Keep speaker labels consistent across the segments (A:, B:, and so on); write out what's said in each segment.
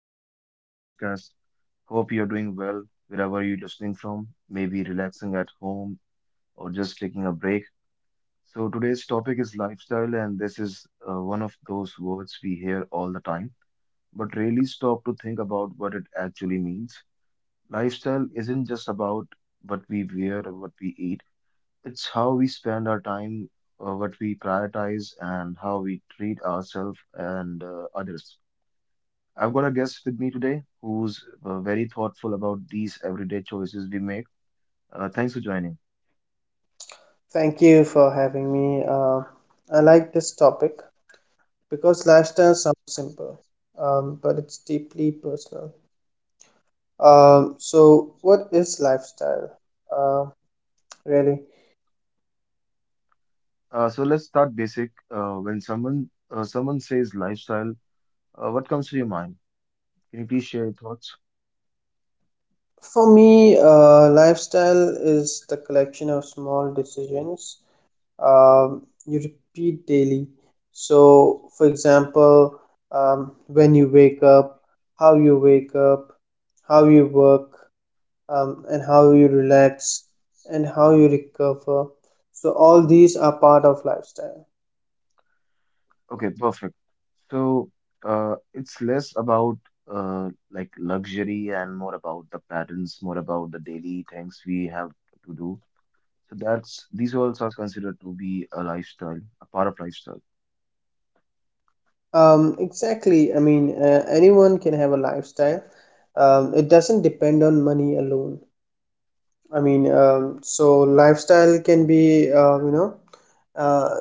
A: welcome back to the podcast. Hope you're doing well wherever you're listening from, maybe relaxing at home or just taking a break. So, today's topic is lifestyle, and this is one of those words we hear all the time, but really stop to think about what it actually means. Lifestyle isn't just about what we wear or what we eat, it's how we spend our time, what we prioritize, and how we treat ourselves and others. I've got a guest with me today who's very thoughtful about these everyday choices we make. Thanks for joining.
B: Thank you for having me. I like this topic because lifestyle sounds simple, but it's deeply personal. So what is lifestyle? Uh, really?
A: So let's start basic. When someone says lifestyle, what comes to your mind? Can you please share your thoughts?
B: For me, lifestyle is the collection of small decisions you repeat daily. So, for example, when you wake up, how you wake up, how you work, and how you relax and how you recover. So all these are part of lifestyle.
A: Okay, perfect. So, it's less about like luxury and more about the patterns, more about the daily things we have to do. So that's these walls are considered to be a lifestyle, a part of lifestyle.
B: Exactly. I mean, anyone can have a lifestyle. It doesn't depend on money alone. I mean, so lifestyle can be, uh,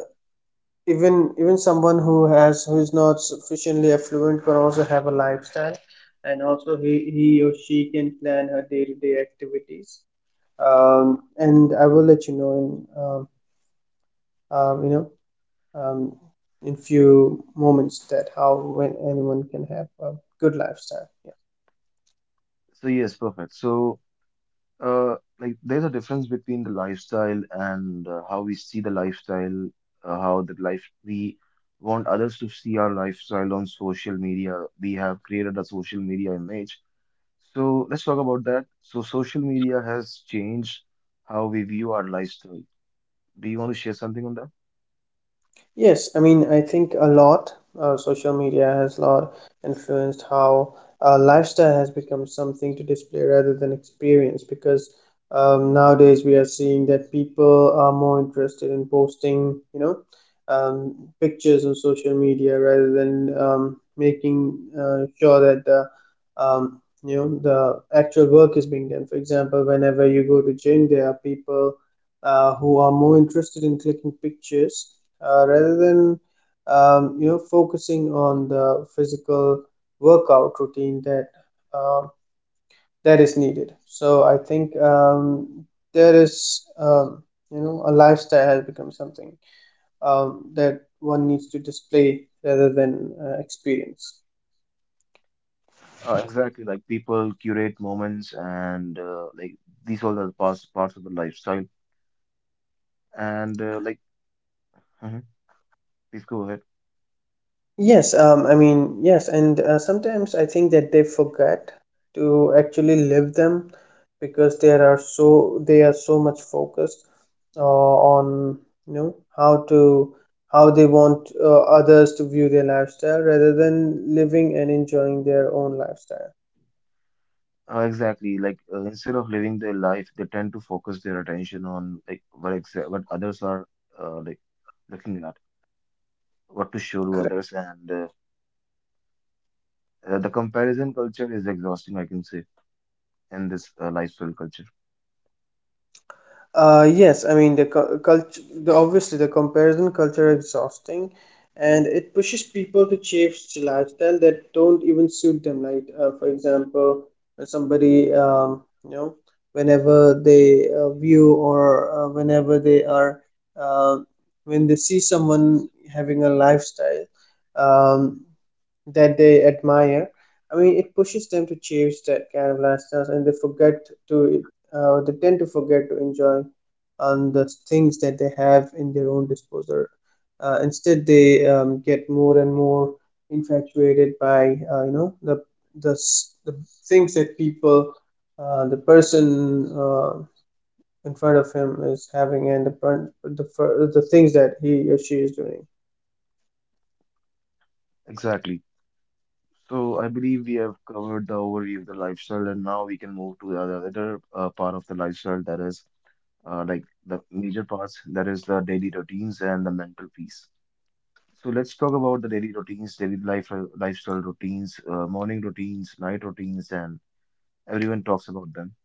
B: even someone who is not sufficiently affluent can also have a lifestyle, and also he or she can plan her day-to-day activities, and I will let you know in um, you know um, in few moments that how when anyone can have a good lifestyle. Yeah.
A: So yes, perfect. So, like there's a difference between the lifestyle and how we see the lifestyle, how the life we want others to see our lifestyle on social media. We have created a social media image. So let's talk about that. So social media has changed how we view our lifestyle. Do you want to share something on that?
B: Yes, I mean, I think a lot. Social media has a lot influenced how lifestyle has become something to display rather than experience, because nowadays we are seeing that people are more interested in posting, you know, pictures on social media rather than making sure that the um, you know the actual work is being done. For example, whenever you go to gym, there are people who are more interested in clicking pictures rather than focusing on the physical workout routine that um that is needed. So I think there is, a lifestyle has become something that one needs to display rather than experience.
A: Exactly, like people curate moments and like these all are parts of the lifestyle. And mhm, please go ahead.
B: Yes, and sometimes I think that they forget to actually live them because they are so much focused on you know how to how they want others to view their lifestyle rather than living and enjoying their own lifestyle.
A: Exactly, like, instead of living their life, they tend to focus their attention on like what others are uh, like looking at, what to show to others, and the comparison culture is exhausting, I can say, in this lifestyle culture.
B: Yes, I mean the culture. Obviously, the comparison culture is exhausting, and it pushes people to chase lifestyle that don't even suit them. Like, for example, somebody, you know, whenever they view or whenever they are, uh, when they see someone having a lifestyle, um, that they admire. I mean, it pushes them to chase that kind of lifestyles, and they forget to, they tend to forget to enjoy on the things that they have in their own disposal. Instead, they get more and more infatuated by, the the things that people, the person uh, in front of him is having, and the the things that he or she is doing.
A: Exactly. So I believe we have covered the overview of the lifestyle, and now we can move to the other part of the lifestyle that is like the major parts that is the daily routines and the mental peace. So let's talk about the daily routines, daily life, lifestyle routines, morning routines, night routines, and everyone talks about them.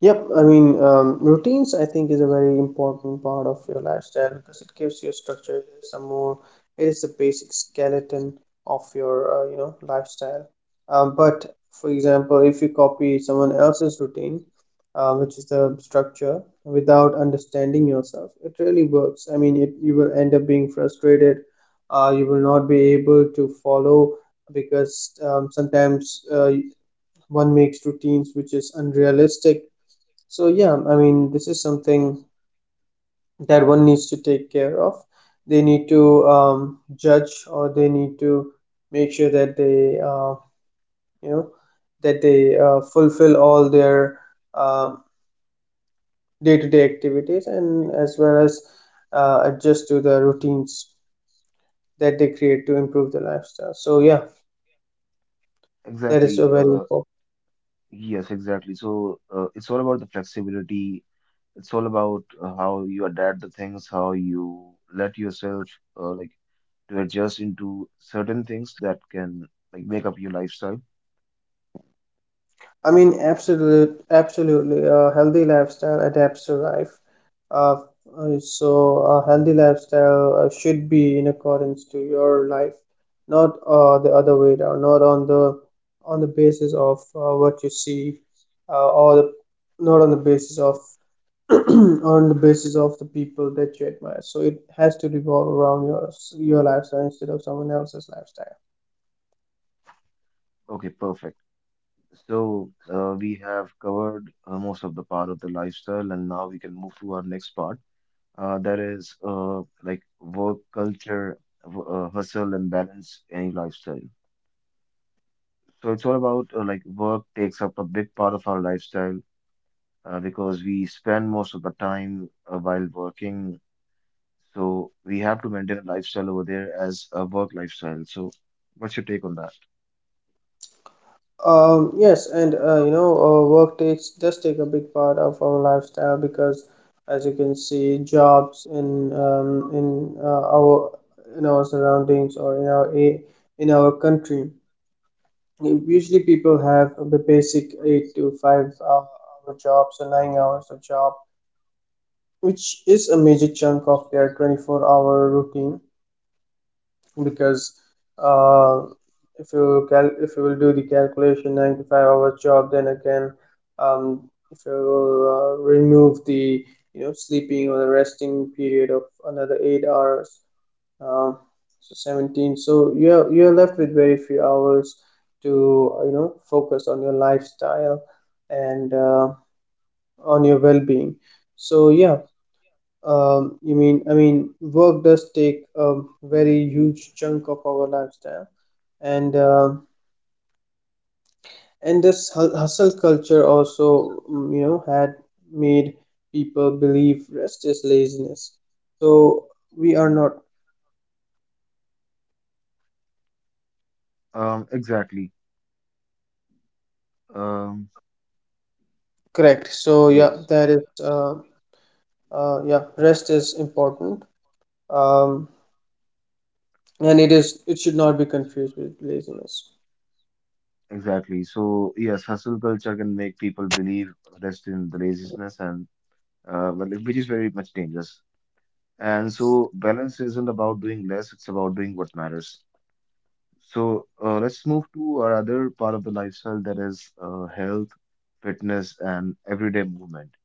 B: Yep, routines I think is a very important part of your lifestyle because it gives you structure. It is the basic skeleton of your, lifestyle. But for example, if you copy someone else's routine, which is the structure, without understanding yourself, it really works. I mean, it, you will end up being frustrated. You will not be able to follow because sometimes one makes routines which is unrealistic. So yeah, I mean, this is something that one needs to take care of. They need to judge, or they need to make sure that you know, that they fulfill all their uh, day-to-day activities, and as well as adjust to the routines that they create to improve their lifestyle. So yeah, that is a
A: Exactly.
B: very important.
A: Yes, exactly. So it's all about the flexibility. It's all about how you adapt the things, how you let yourself uh, like to adjust into certain things that can like make up your lifestyle.
B: I mean, absolutely. A healthy lifestyle adapts to life. Uh, so, a healthy lifestyle should be in accordance to your life, not the other way around. Not on the on the basis of what you see, uh, or the, not on the basis of on the basis of the people that you admire. So, it has to revolve around your lifestyle instead of someone else's lifestyle.
A: Okay, perfect. So, we have covered most of the part of the lifestyle, and now we can move to our next part. That is like work culture, hustle, and balance any lifestyle. So, it's all about like work takes up a big part of our lifestyle because we spend most of the time while working. So, we have to maintain a lifestyle over there as a work lifestyle. So, what's your take on that?
B: Yes, and work takes does take a big part of our lifestyle because, as you can see, jobs in our in our surroundings or in in our country usually people have the basic 8 to 5 hour hour jobs or 9 hours of job, which is a major chunk of their 24-hour routine because uh, if you will do the calculation 95-hour job. Then again, um, if you will remove the you know sleeping or the resting period of another 8 hours, um, 17. So you're left with very few hours to you know focus on your lifestyle and on your well-being. So yeah, I mean, work does take a very huge chunk of our lifestyle, and this hustle culture also, mm, you know, had made people believe rest is laziness. So we are not
A: Exactly. Um,
B: correct. So
A: okay.
B: yeah, that is, yeah, rest is important, um, and it should not be confused with laziness.
A: Exactly. So yes, hustle culture can make people believe rest in the laziness and, well, which is very much dangerous. And so balance isn't about doing less; it's about doing what matters. So let's move to our other part of the lifestyle that is health, fitness, and everyday movement.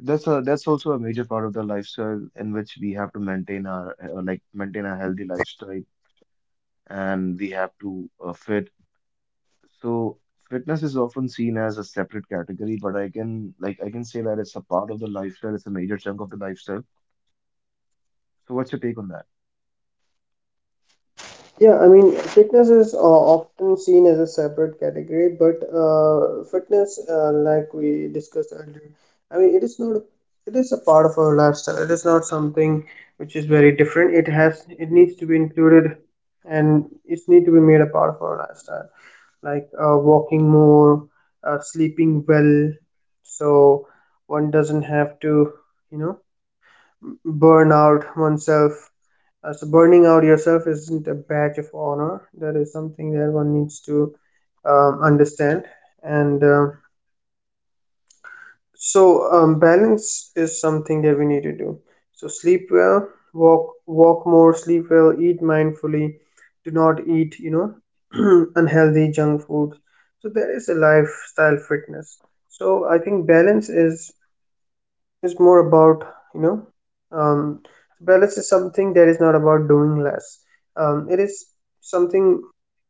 A: That's a, that's also a major part of the lifestyle in which we have to maintain our like maintain a healthy lifestyle, and we have to fit. So fitness is often seen as a separate category, but I can like I can say that it's a part of the lifestyle. It's a major chunk of the lifestyle. So what's your take on that?
B: Yeah, I mean, fitness is often seen as a separate category, but fitness, like we discussed earlier, I mean, it is not, it is a part of our lifestyle. It is not something which is very different. It has, it needs to be included, and it needs to be made a part of our lifestyle, like walking more, sleeping well, so one doesn't have to, you know, burn out oneself. So burning out yourself isn't a badge of honor. That is something that one needs to understand. And so balance is something that we need to do. So sleep well, walk more, sleep well, eat mindfully. Do not eat, you know, unhealthy junk foods. So that is a lifestyle fitness. So I think balance is more about, you know, um, so balance is something that is not about doing less. It is something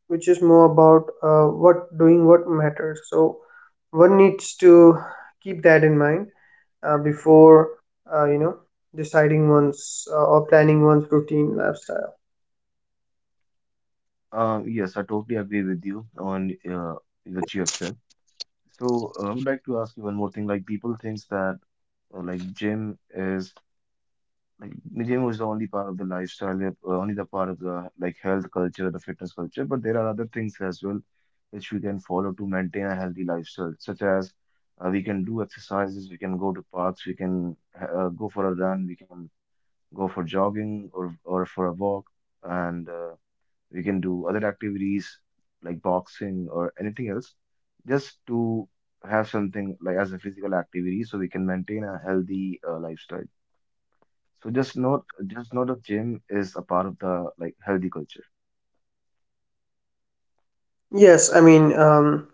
B: which is more about what doing what matters. So one needs to keep that in mind before, uh, you know, deciding one's or planning one's routine lifestyle.
A: Yes, I totally agree with you on what you have said. So I would like to ask you one more thing. Like people thinks that like gym is like gym was the only part of the lifestyle, only the part of the like health culture, the fitness culture. But there are other things as well which we can follow to maintain a healthy lifestyle, such as, we can do exercises, we can go to parks, we can go for a run, we can go for jogging or for a walk, and we can do other activities like boxing or anything else, just to have something like as a physical activity, so we can maintain a healthy lifestyle. So just know the gym is a part of the like healthy culture.
B: Yes, I mean,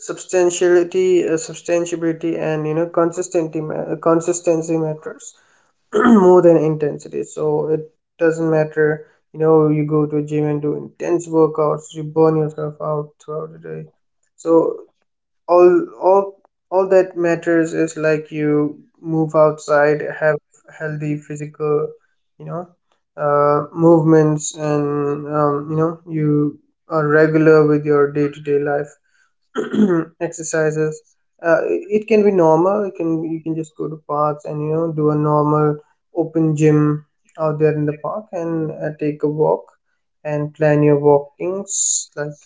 B: substantiability, and you know, consistency matters more than intensity. So it doesn't matter, you know, you go to a gym and do intense workouts, you burn yourself out throughout the day. So all all all that matters is like you move outside, have healthy physical, you know, movements, and you know you are regular with your day-to-day life exercises. It can be normal, it can, you can just go to parks and you know do a normal open gym out there in the park, and take a walk and plan your walkings, like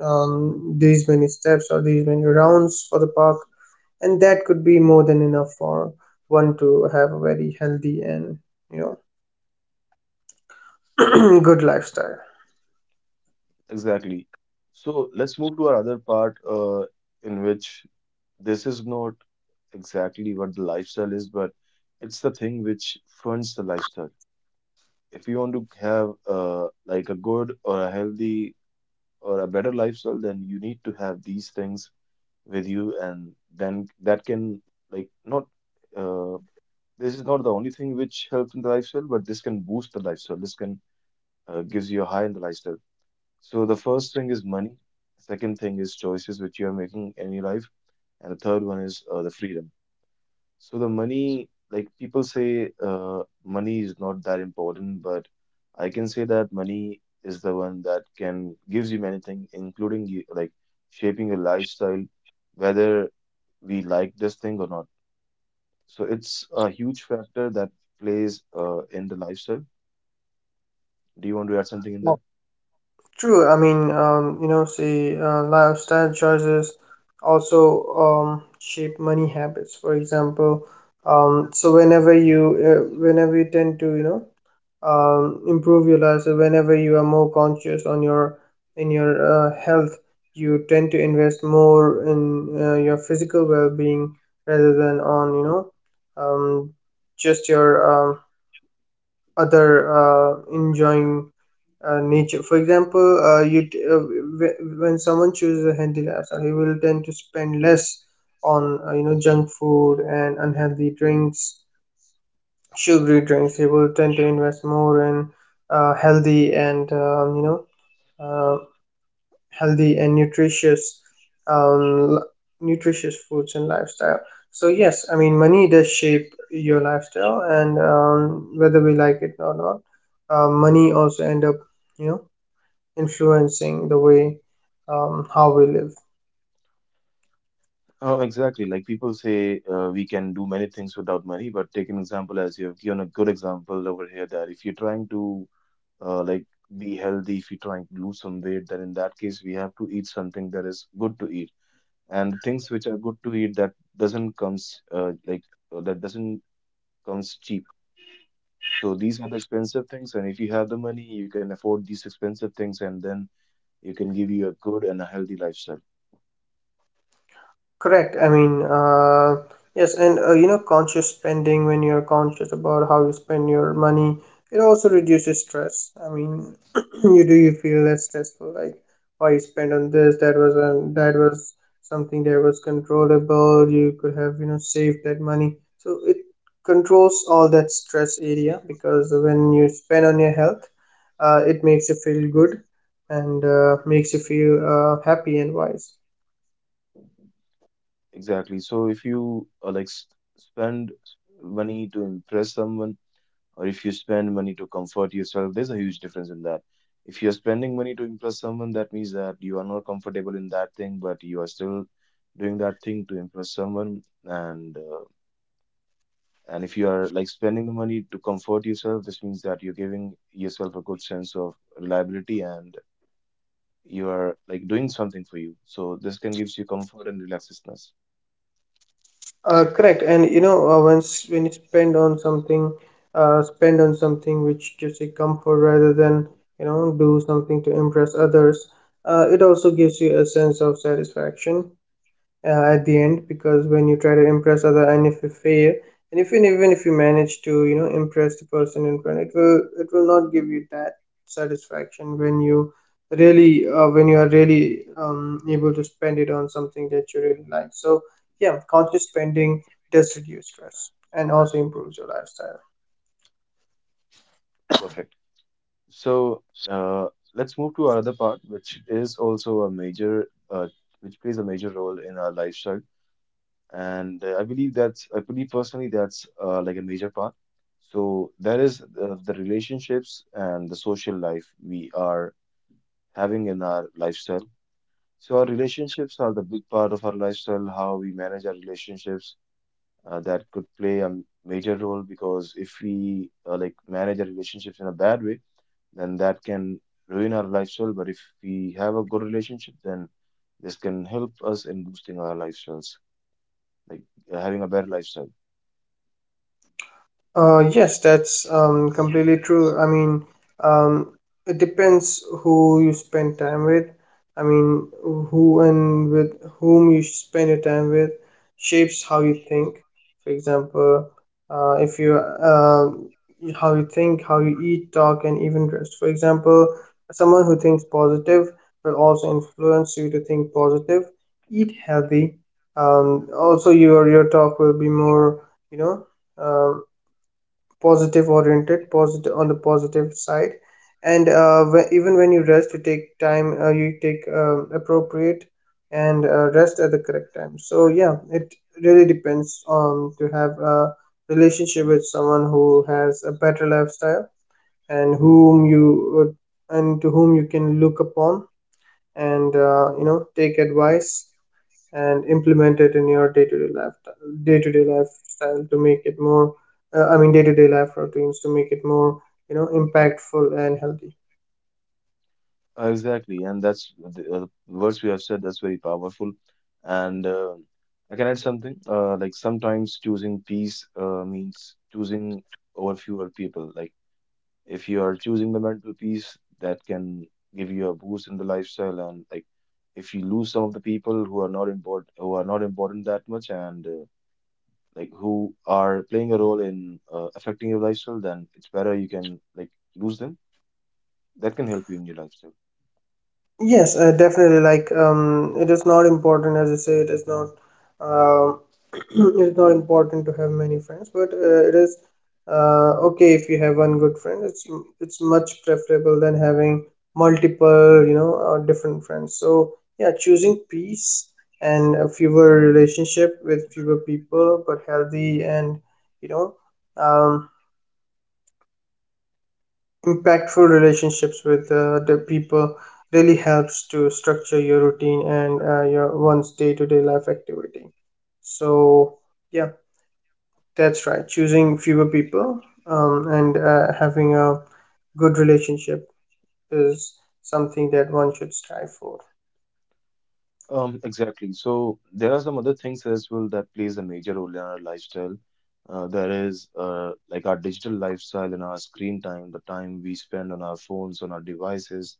B: these many steps or these many rounds for the park, and that could be more than enough for one to have a very healthy and you know good lifestyle.
A: Exactly. So let's move to our other part, in which this is not exactly what the lifestyle is, but it's the thing which funds the lifestyle. If you want to have like a good or a healthy or a better lifestyle, then you need to have these things with you, and then that can like not uh, this is not the only thing which helps in the lifestyle, but this can boost the lifestyle. This can gives you a high in the lifestyle. So the first thing is money. Second thing is choices which you are making in your life, and the third one is the freedom. So the money, like people say, money is not that important, but I can say that money is the one that can gives you many things, including you, like shaping your lifestyle, whether we like this thing or not. So it's a huge factor that plays in the lifestyle. Do you want to add something in that?
B: True. I mean, see, lifestyle choices also shape money habits. For example, so whenever you tend to, you know, improve your life, so whenever you are more conscious on your health, you tend to invest more in your physical well-being rather than on, you know, um, just your um, other enjoying nature. For example, when someone chooses a healthy lifestyle, he will tend to spend less on you know junk food and unhealthy drinks, sugary drinks. He will tend to invest more in healthy and uh, healthy and nutritious um, l- nutritious foods and lifestyle. So yes, I mean money does shape your lifestyle, and whether we like it or not, money also end up you know influencing the way how we live.
A: Oh, exactly. Like people say, we can do many things without money, but take an example as you have given a good example over here that if you're trying to uh, like be healthy, if you're trying to lose some weight, then in that case we have to eat something that is good to eat. And things which are good to eat that doesn't comes that doesn't comes cheap. So these are the expensive things, and if you have the money, you can afford these expensive things, and then you can give you a good and a healthy lifestyle.
B: Correct. I mean, yes, and you know, conscious spending, when you're conscious about how you spend your money, it also reduces stress. I mean, you feel less stressful, like why you spend on this, that was something that was controllable. You could have, you know, saved that money. So it controls all that stress area, because when you spend on your health, it makes you feel good and makes you feel happy and wise.
A: Exactly. So if you spend money to impress someone, or if you spend money to comfort yourself, there's a huge difference in that. If you're spending money to impress someone, that means that you are not comfortable in that thing, but you are still doing that thing to impress someone. And and if you are like spending the money to comfort yourself, this means that you're giving yourself a good sense of reliability and you are like doing something for you. So this can gives you comfort and relaxedness.
B: Correct, and you know, once when you spend on something which gives you comfort rather than you know do something to impress others. It also gives you a sense of satisfaction at the end, because when you try to impress other and if you fail and if you even if you manage to impress the person in front, it will not give you that satisfaction when you really when you are really able to spend it on something that you really like. So yeah, conscious spending does reduce stress and also improves your lifestyle.
A: Perfect. So let's move to another part, which is also a major, which plays a major role in our lifestyle. And I believe that's, I believe personally that's like a major part. So that is the relationships and the social life we are having in our lifestyle. So our relationships are the big part of our lifestyle, how we manage our relationships. That could play a major role because if we like manage our relationships in a bad way, then that can ruin our lifestyle. But if we have a good relationship, then this can help us in boosting our lifestyles, like having a better lifestyle.
B: Yes, that's completely true. I mean, um, it depends who you spend time with. I mean, who and with whom you spend your time with shapes how you think. For example, if you how you think, how you eat, talk, and even dress. For example, someone who thinks positive will also influence you to think positive, eat healthy. Also, your talk will be more, you know. Um, positive oriented, positive on the positive side. And even when you rest, you take time, you take appropriate and rest at the correct time. So yeah, it really depends on to have a relationship with someone who has a better lifestyle and would, and to whom you can look upon and take advice and implement it in your day-to-day lifestyle to make it more day-to-day life routines to make it more impactful and healthy.
A: Exactly, and that's the words we have said. That's very powerful, and I can add something. Like sometimes choosing peace means choosing over fewer people. Like if you are choosing the mental peace, that can give you a boost in the lifestyle, and like if you lose some of the people who are not important, who are not important that much, and like who are playing a role in affecting your lifestyle, then it's better you can like lose them. That can help you in your lifestyle.
B: Yes, definitely. Like, it is not important, as you say, it is not, um, it is not important to have many friends, but it is okay if you have one good friend. It's much preferable than having multiple, different friends. So yeah, choosing peace and a fewer relationship with fewer people, but healthy and you know, um, impactful relationships with the people really helps to structure your routine and your one's day-to-day life activity. So yeah, that's right, choosing fewer people and having a good relationship is something that one should strive for.
A: Exactly. So there are some other things as well that plays a major role in our lifestyle. There is like our digital lifestyle and our screen time, the time we spend on our phones, on our devices,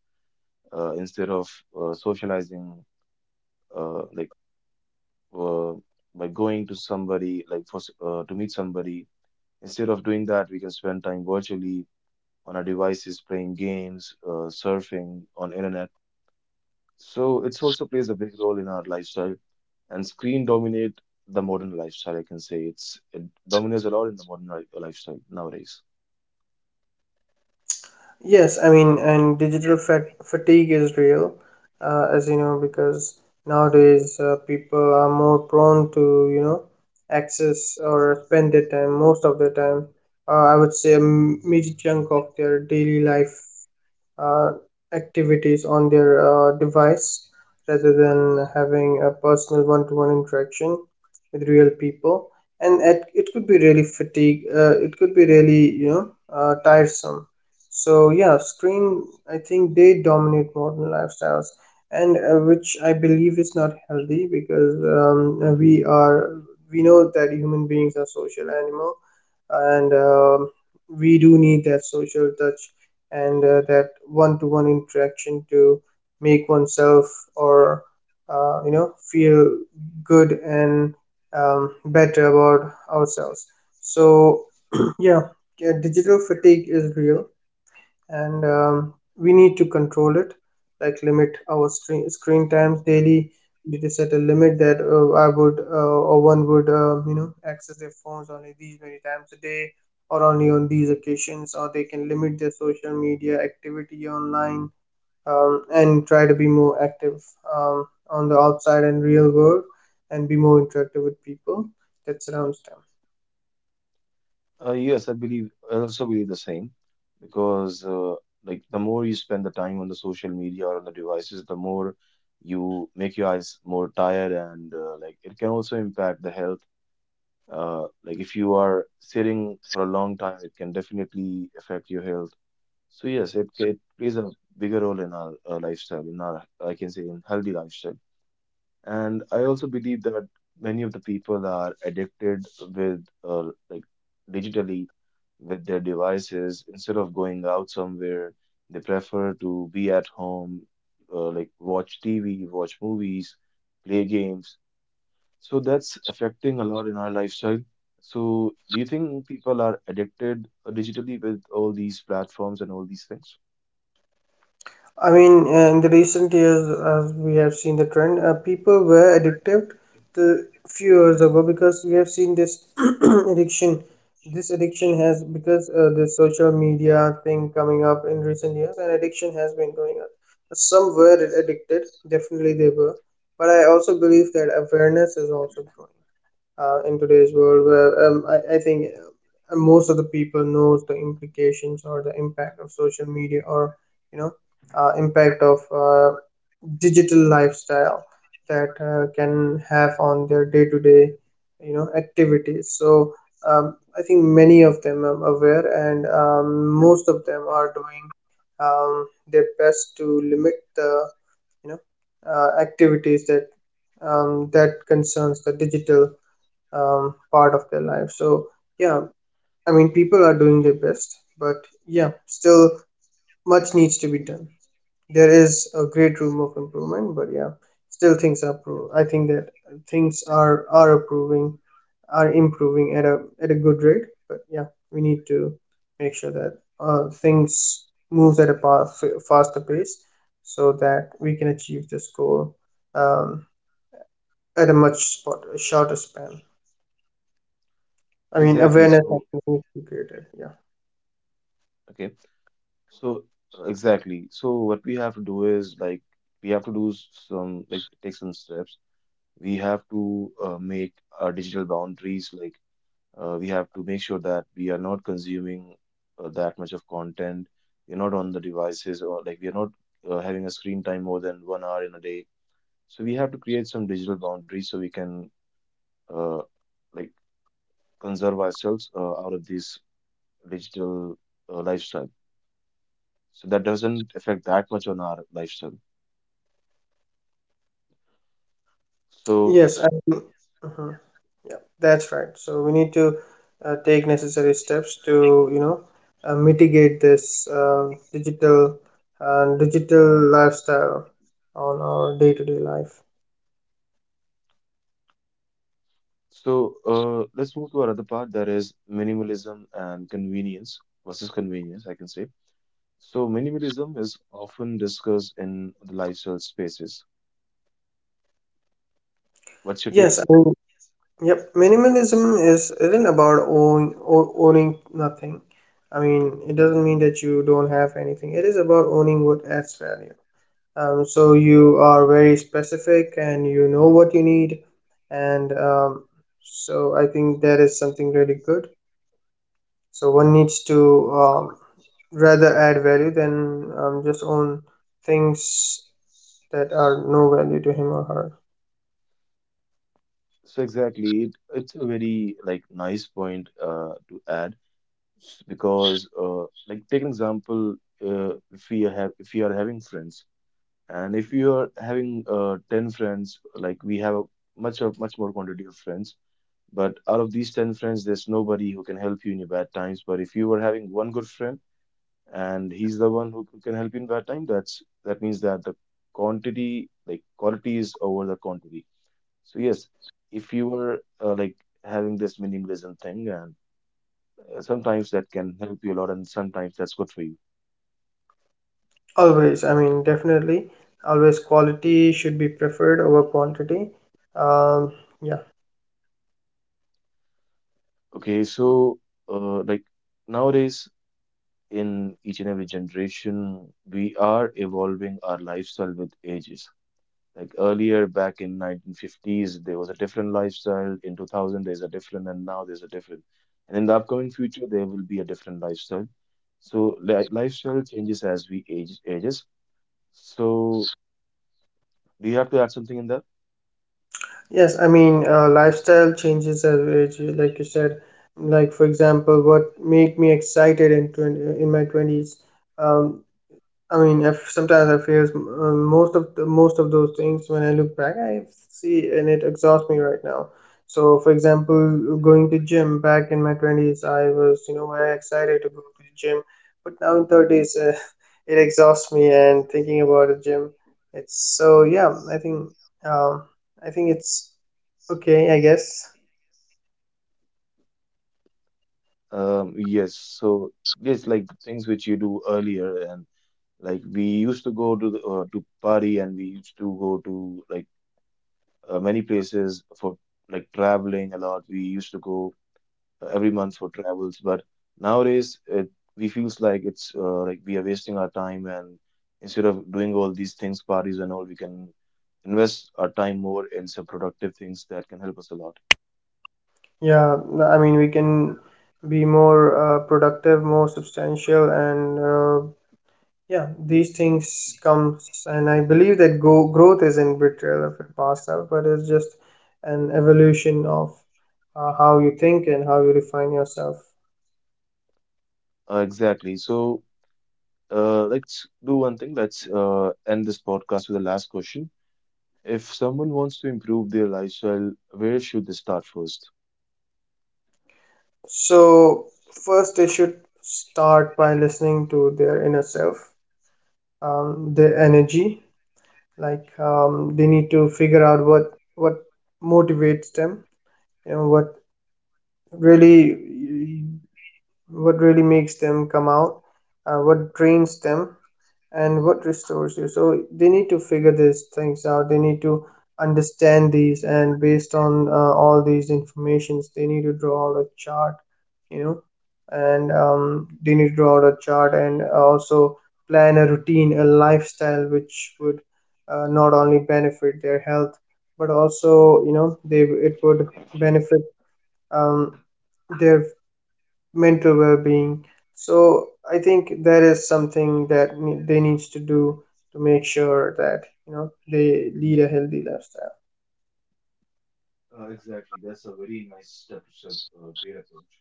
A: instead of socializing, uh, like uh, by going to somebody, like to meet somebody. Instead of doing that, we can spend time virtually on our devices, playing games, surfing on internet. So it's also plays a big role in our lifestyle. And screen dominate the modern lifestyle. I can say it's it dominates a lot in the modern li lifestyle nowadays.
B: Yes, I mean, and digital fatigue is real, as you know, because nowadays people are more prone to, access or spend their time, most of their time, I would say a major chunk of their daily life uh, activities on their device rather than having a personal one-to-one interaction with real people. And it could be really fatigue, it could be really tiresome. So yeah, screen, I think they dominate modern lifestyles. And which I believe is not healthy, because we are, we know that human beings are social animal. And we do need that social touch and that one-to-one interaction to make oneself or feel good and better about ourselves. So yeah yeah, digital fatigue is real and we need to control it, like limit our screen times daily. We need to set a limit that I would or one would access their phones only these many times a day or only on these occasions, or they can limit their social media activity online, and try to be more active on the outside and real world, and be more interactive with people that surrounds them.
A: Yes, I believe I also believe the same because like the more you spend the time on the social media or on the devices, the more you make your eyes more tired and like it can also impact the health. Like if you are sitting for a long time, it can definitely affect your health. So yes, it plays a bigger role in our, lifestyle, in our, I can say, in healthy lifestyle. And I also believe that many of the people are addicted with, like, digitally with their devices. Instead of going out somewhere, they prefer to be at home, like watch TV, watch movies, play games. So that's affecting a lot in our lifestyle. So do you think people are addicted digitally with all these platforms and all these things?
B: I mean, in the recent years, as we have seen the trend, people were addicted to few years ago, because we have seen this addiction. This addiction has, because the social media thing coming up in recent years, and addiction has been going up. Some were addicted, definitely they were, but I also believe that awareness is also growing in today's world, where I think most of the people knows the implications or the impact of social media, or you know impact of digital lifestyle that can have on their day-to-day activities. So I think many of them are aware, and most of them are doing their best to limit the you know activities that that concerns the digital part of their life. So yeah, I mean people are doing their best, but yeah, still much needs to be done. There is a great room of improvement, but yeah, still things are pro- I think that things are improving, are improving at a good rate. But yeah, we need to make sure that things moves at a faster pace, so that we can achieve this goal, um, at a much shorter span. I mean
A: Exactly.
B: awareness has
A: So,
B: to be created. Yeah.
A: okay. So, exactly. So, what we have to do is like we have to do some like take some steps. We have to make our digital boundaries. Like we have to make sure that we are not consuming that much of content. We're not on the devices or like we are not having a screen time more than 1 hour in a day. So we have to create some digital boundaries so we can uh, like conserve ourselves out of this digital lifestyle, so that doesn't affect that much on our lifestyle. so
B: yes I, uh Yeah, that's right. So we need to take necessary steps to mitigate this digital and digital lifestyle on our day-to-day life.
A: so uh, let's move to our other part, that is minimalism and convenience versus convenience, I can say. So minimalism is often discussed in the lifestyle spaces. What's your take
B: Yes, I
A: on that?
B: mean, yep. Minimalism is, isn't about owning nothing. I mean, it doesn't mean that you don't have anything. It is about owning what adds value. So you are very specific and you know what you need, and so I think that is something really good. So one needs to um, rather add value than just own things that are no value to him or her.
A: So exactly, it's a very like nice point to add, because like take an example. uh, if we have if we are having friends. And if you are having 10 friends, like we have a much more quantity of friends, but out of these 10 friends, there's nobody who can help you in your bad times. But if you were having one good friend and he's the one who can help you in bad time, that's that means that the quantity, like quality is over the quantity. So yes, if you were like having this minimalism thing, and sometimes that can help you a lot, and sometimes that's good for you.
B: Always, I mean, definitely, always quality should be preferred over quantity. Um, yeah
A: Okay, so like nowadays in each and every generation, we are evolving our lifestyle with ages. Like earlier, back in 1950s, there was a different lifestyle. In 2000, there's a different, and now there's a different. And in the upcoming future, there will be a different lifestyle. So li lifestyle changes as we age ages. So do you have to add something in there?
B: Yes, I mean, lifestyle changes as we age, like you said. Like for example, what made me excited in 20, in my 20s, um, I mean, if sometimes I face most of those things when I look back, I see and it exhausts me right now. So for example, going to gym back in my twenties, I was, you know, very excited to go to the gym, but now in thirties, it exhausts me. And thinking about a gym, it's, so yeah, um, I think it's okay, I guess.
A: Yes. So yes, like things which you do earlier and like we used to go to the, to party, and we used to go to like many places for like traveling a lot. We used to go every month for travels, but nowadays it we feels like it's like we are wasting our time, and instead of doing all these things, parties and all, we can invest our time more in some productive things that can help us a lot.
B: Yeah, I mean, we can be more productive, more substantial, and yeah, these things comes. And I believe that growth isn't betrayal of your past self, but it's just an evolution of how you think and how you refine yourself.
A: Exactly. So let's do one thing. Let's end this podcast with the last question. If someone wants to improve their lifestyle, where should they start first?
B: So first they should start by listening to their inner self, their energy. Like they need to figure out what motivates them, you know, really what really makes them come out, what drains them, and what restores you. So they need to figure these things out. They need to understand these, and based on all these informations they need to draw out a chart, you know. And they need to draw out a chart and also plan a routine, a lifestyle, which would not only benefit their health, but also, you know, they it would benefit um, their mental well-being. So I think that is something that they needs to do, to make sure that, you know, they lead a healthy lifestyle.
A: Exactly. That's a very nice step, great approach.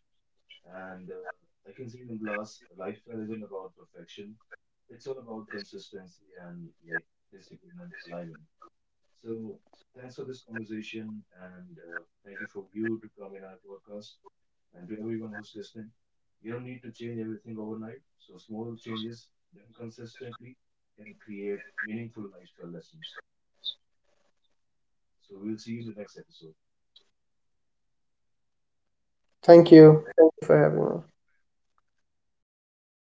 A: And I can see in Glass, lifestyle isn't about perfection. It's all about consistency and like discipline and alignment. So thanks for this conversation, and thank you for you to come in our podcast, and to everyone who's listening. You don't need to change everything overnight. So small changes done consistently can create meaningful lifestyle lessons. So we'll see you in the next episode. Thank
B: Thank
A: you.
B: you. Thank you for having me.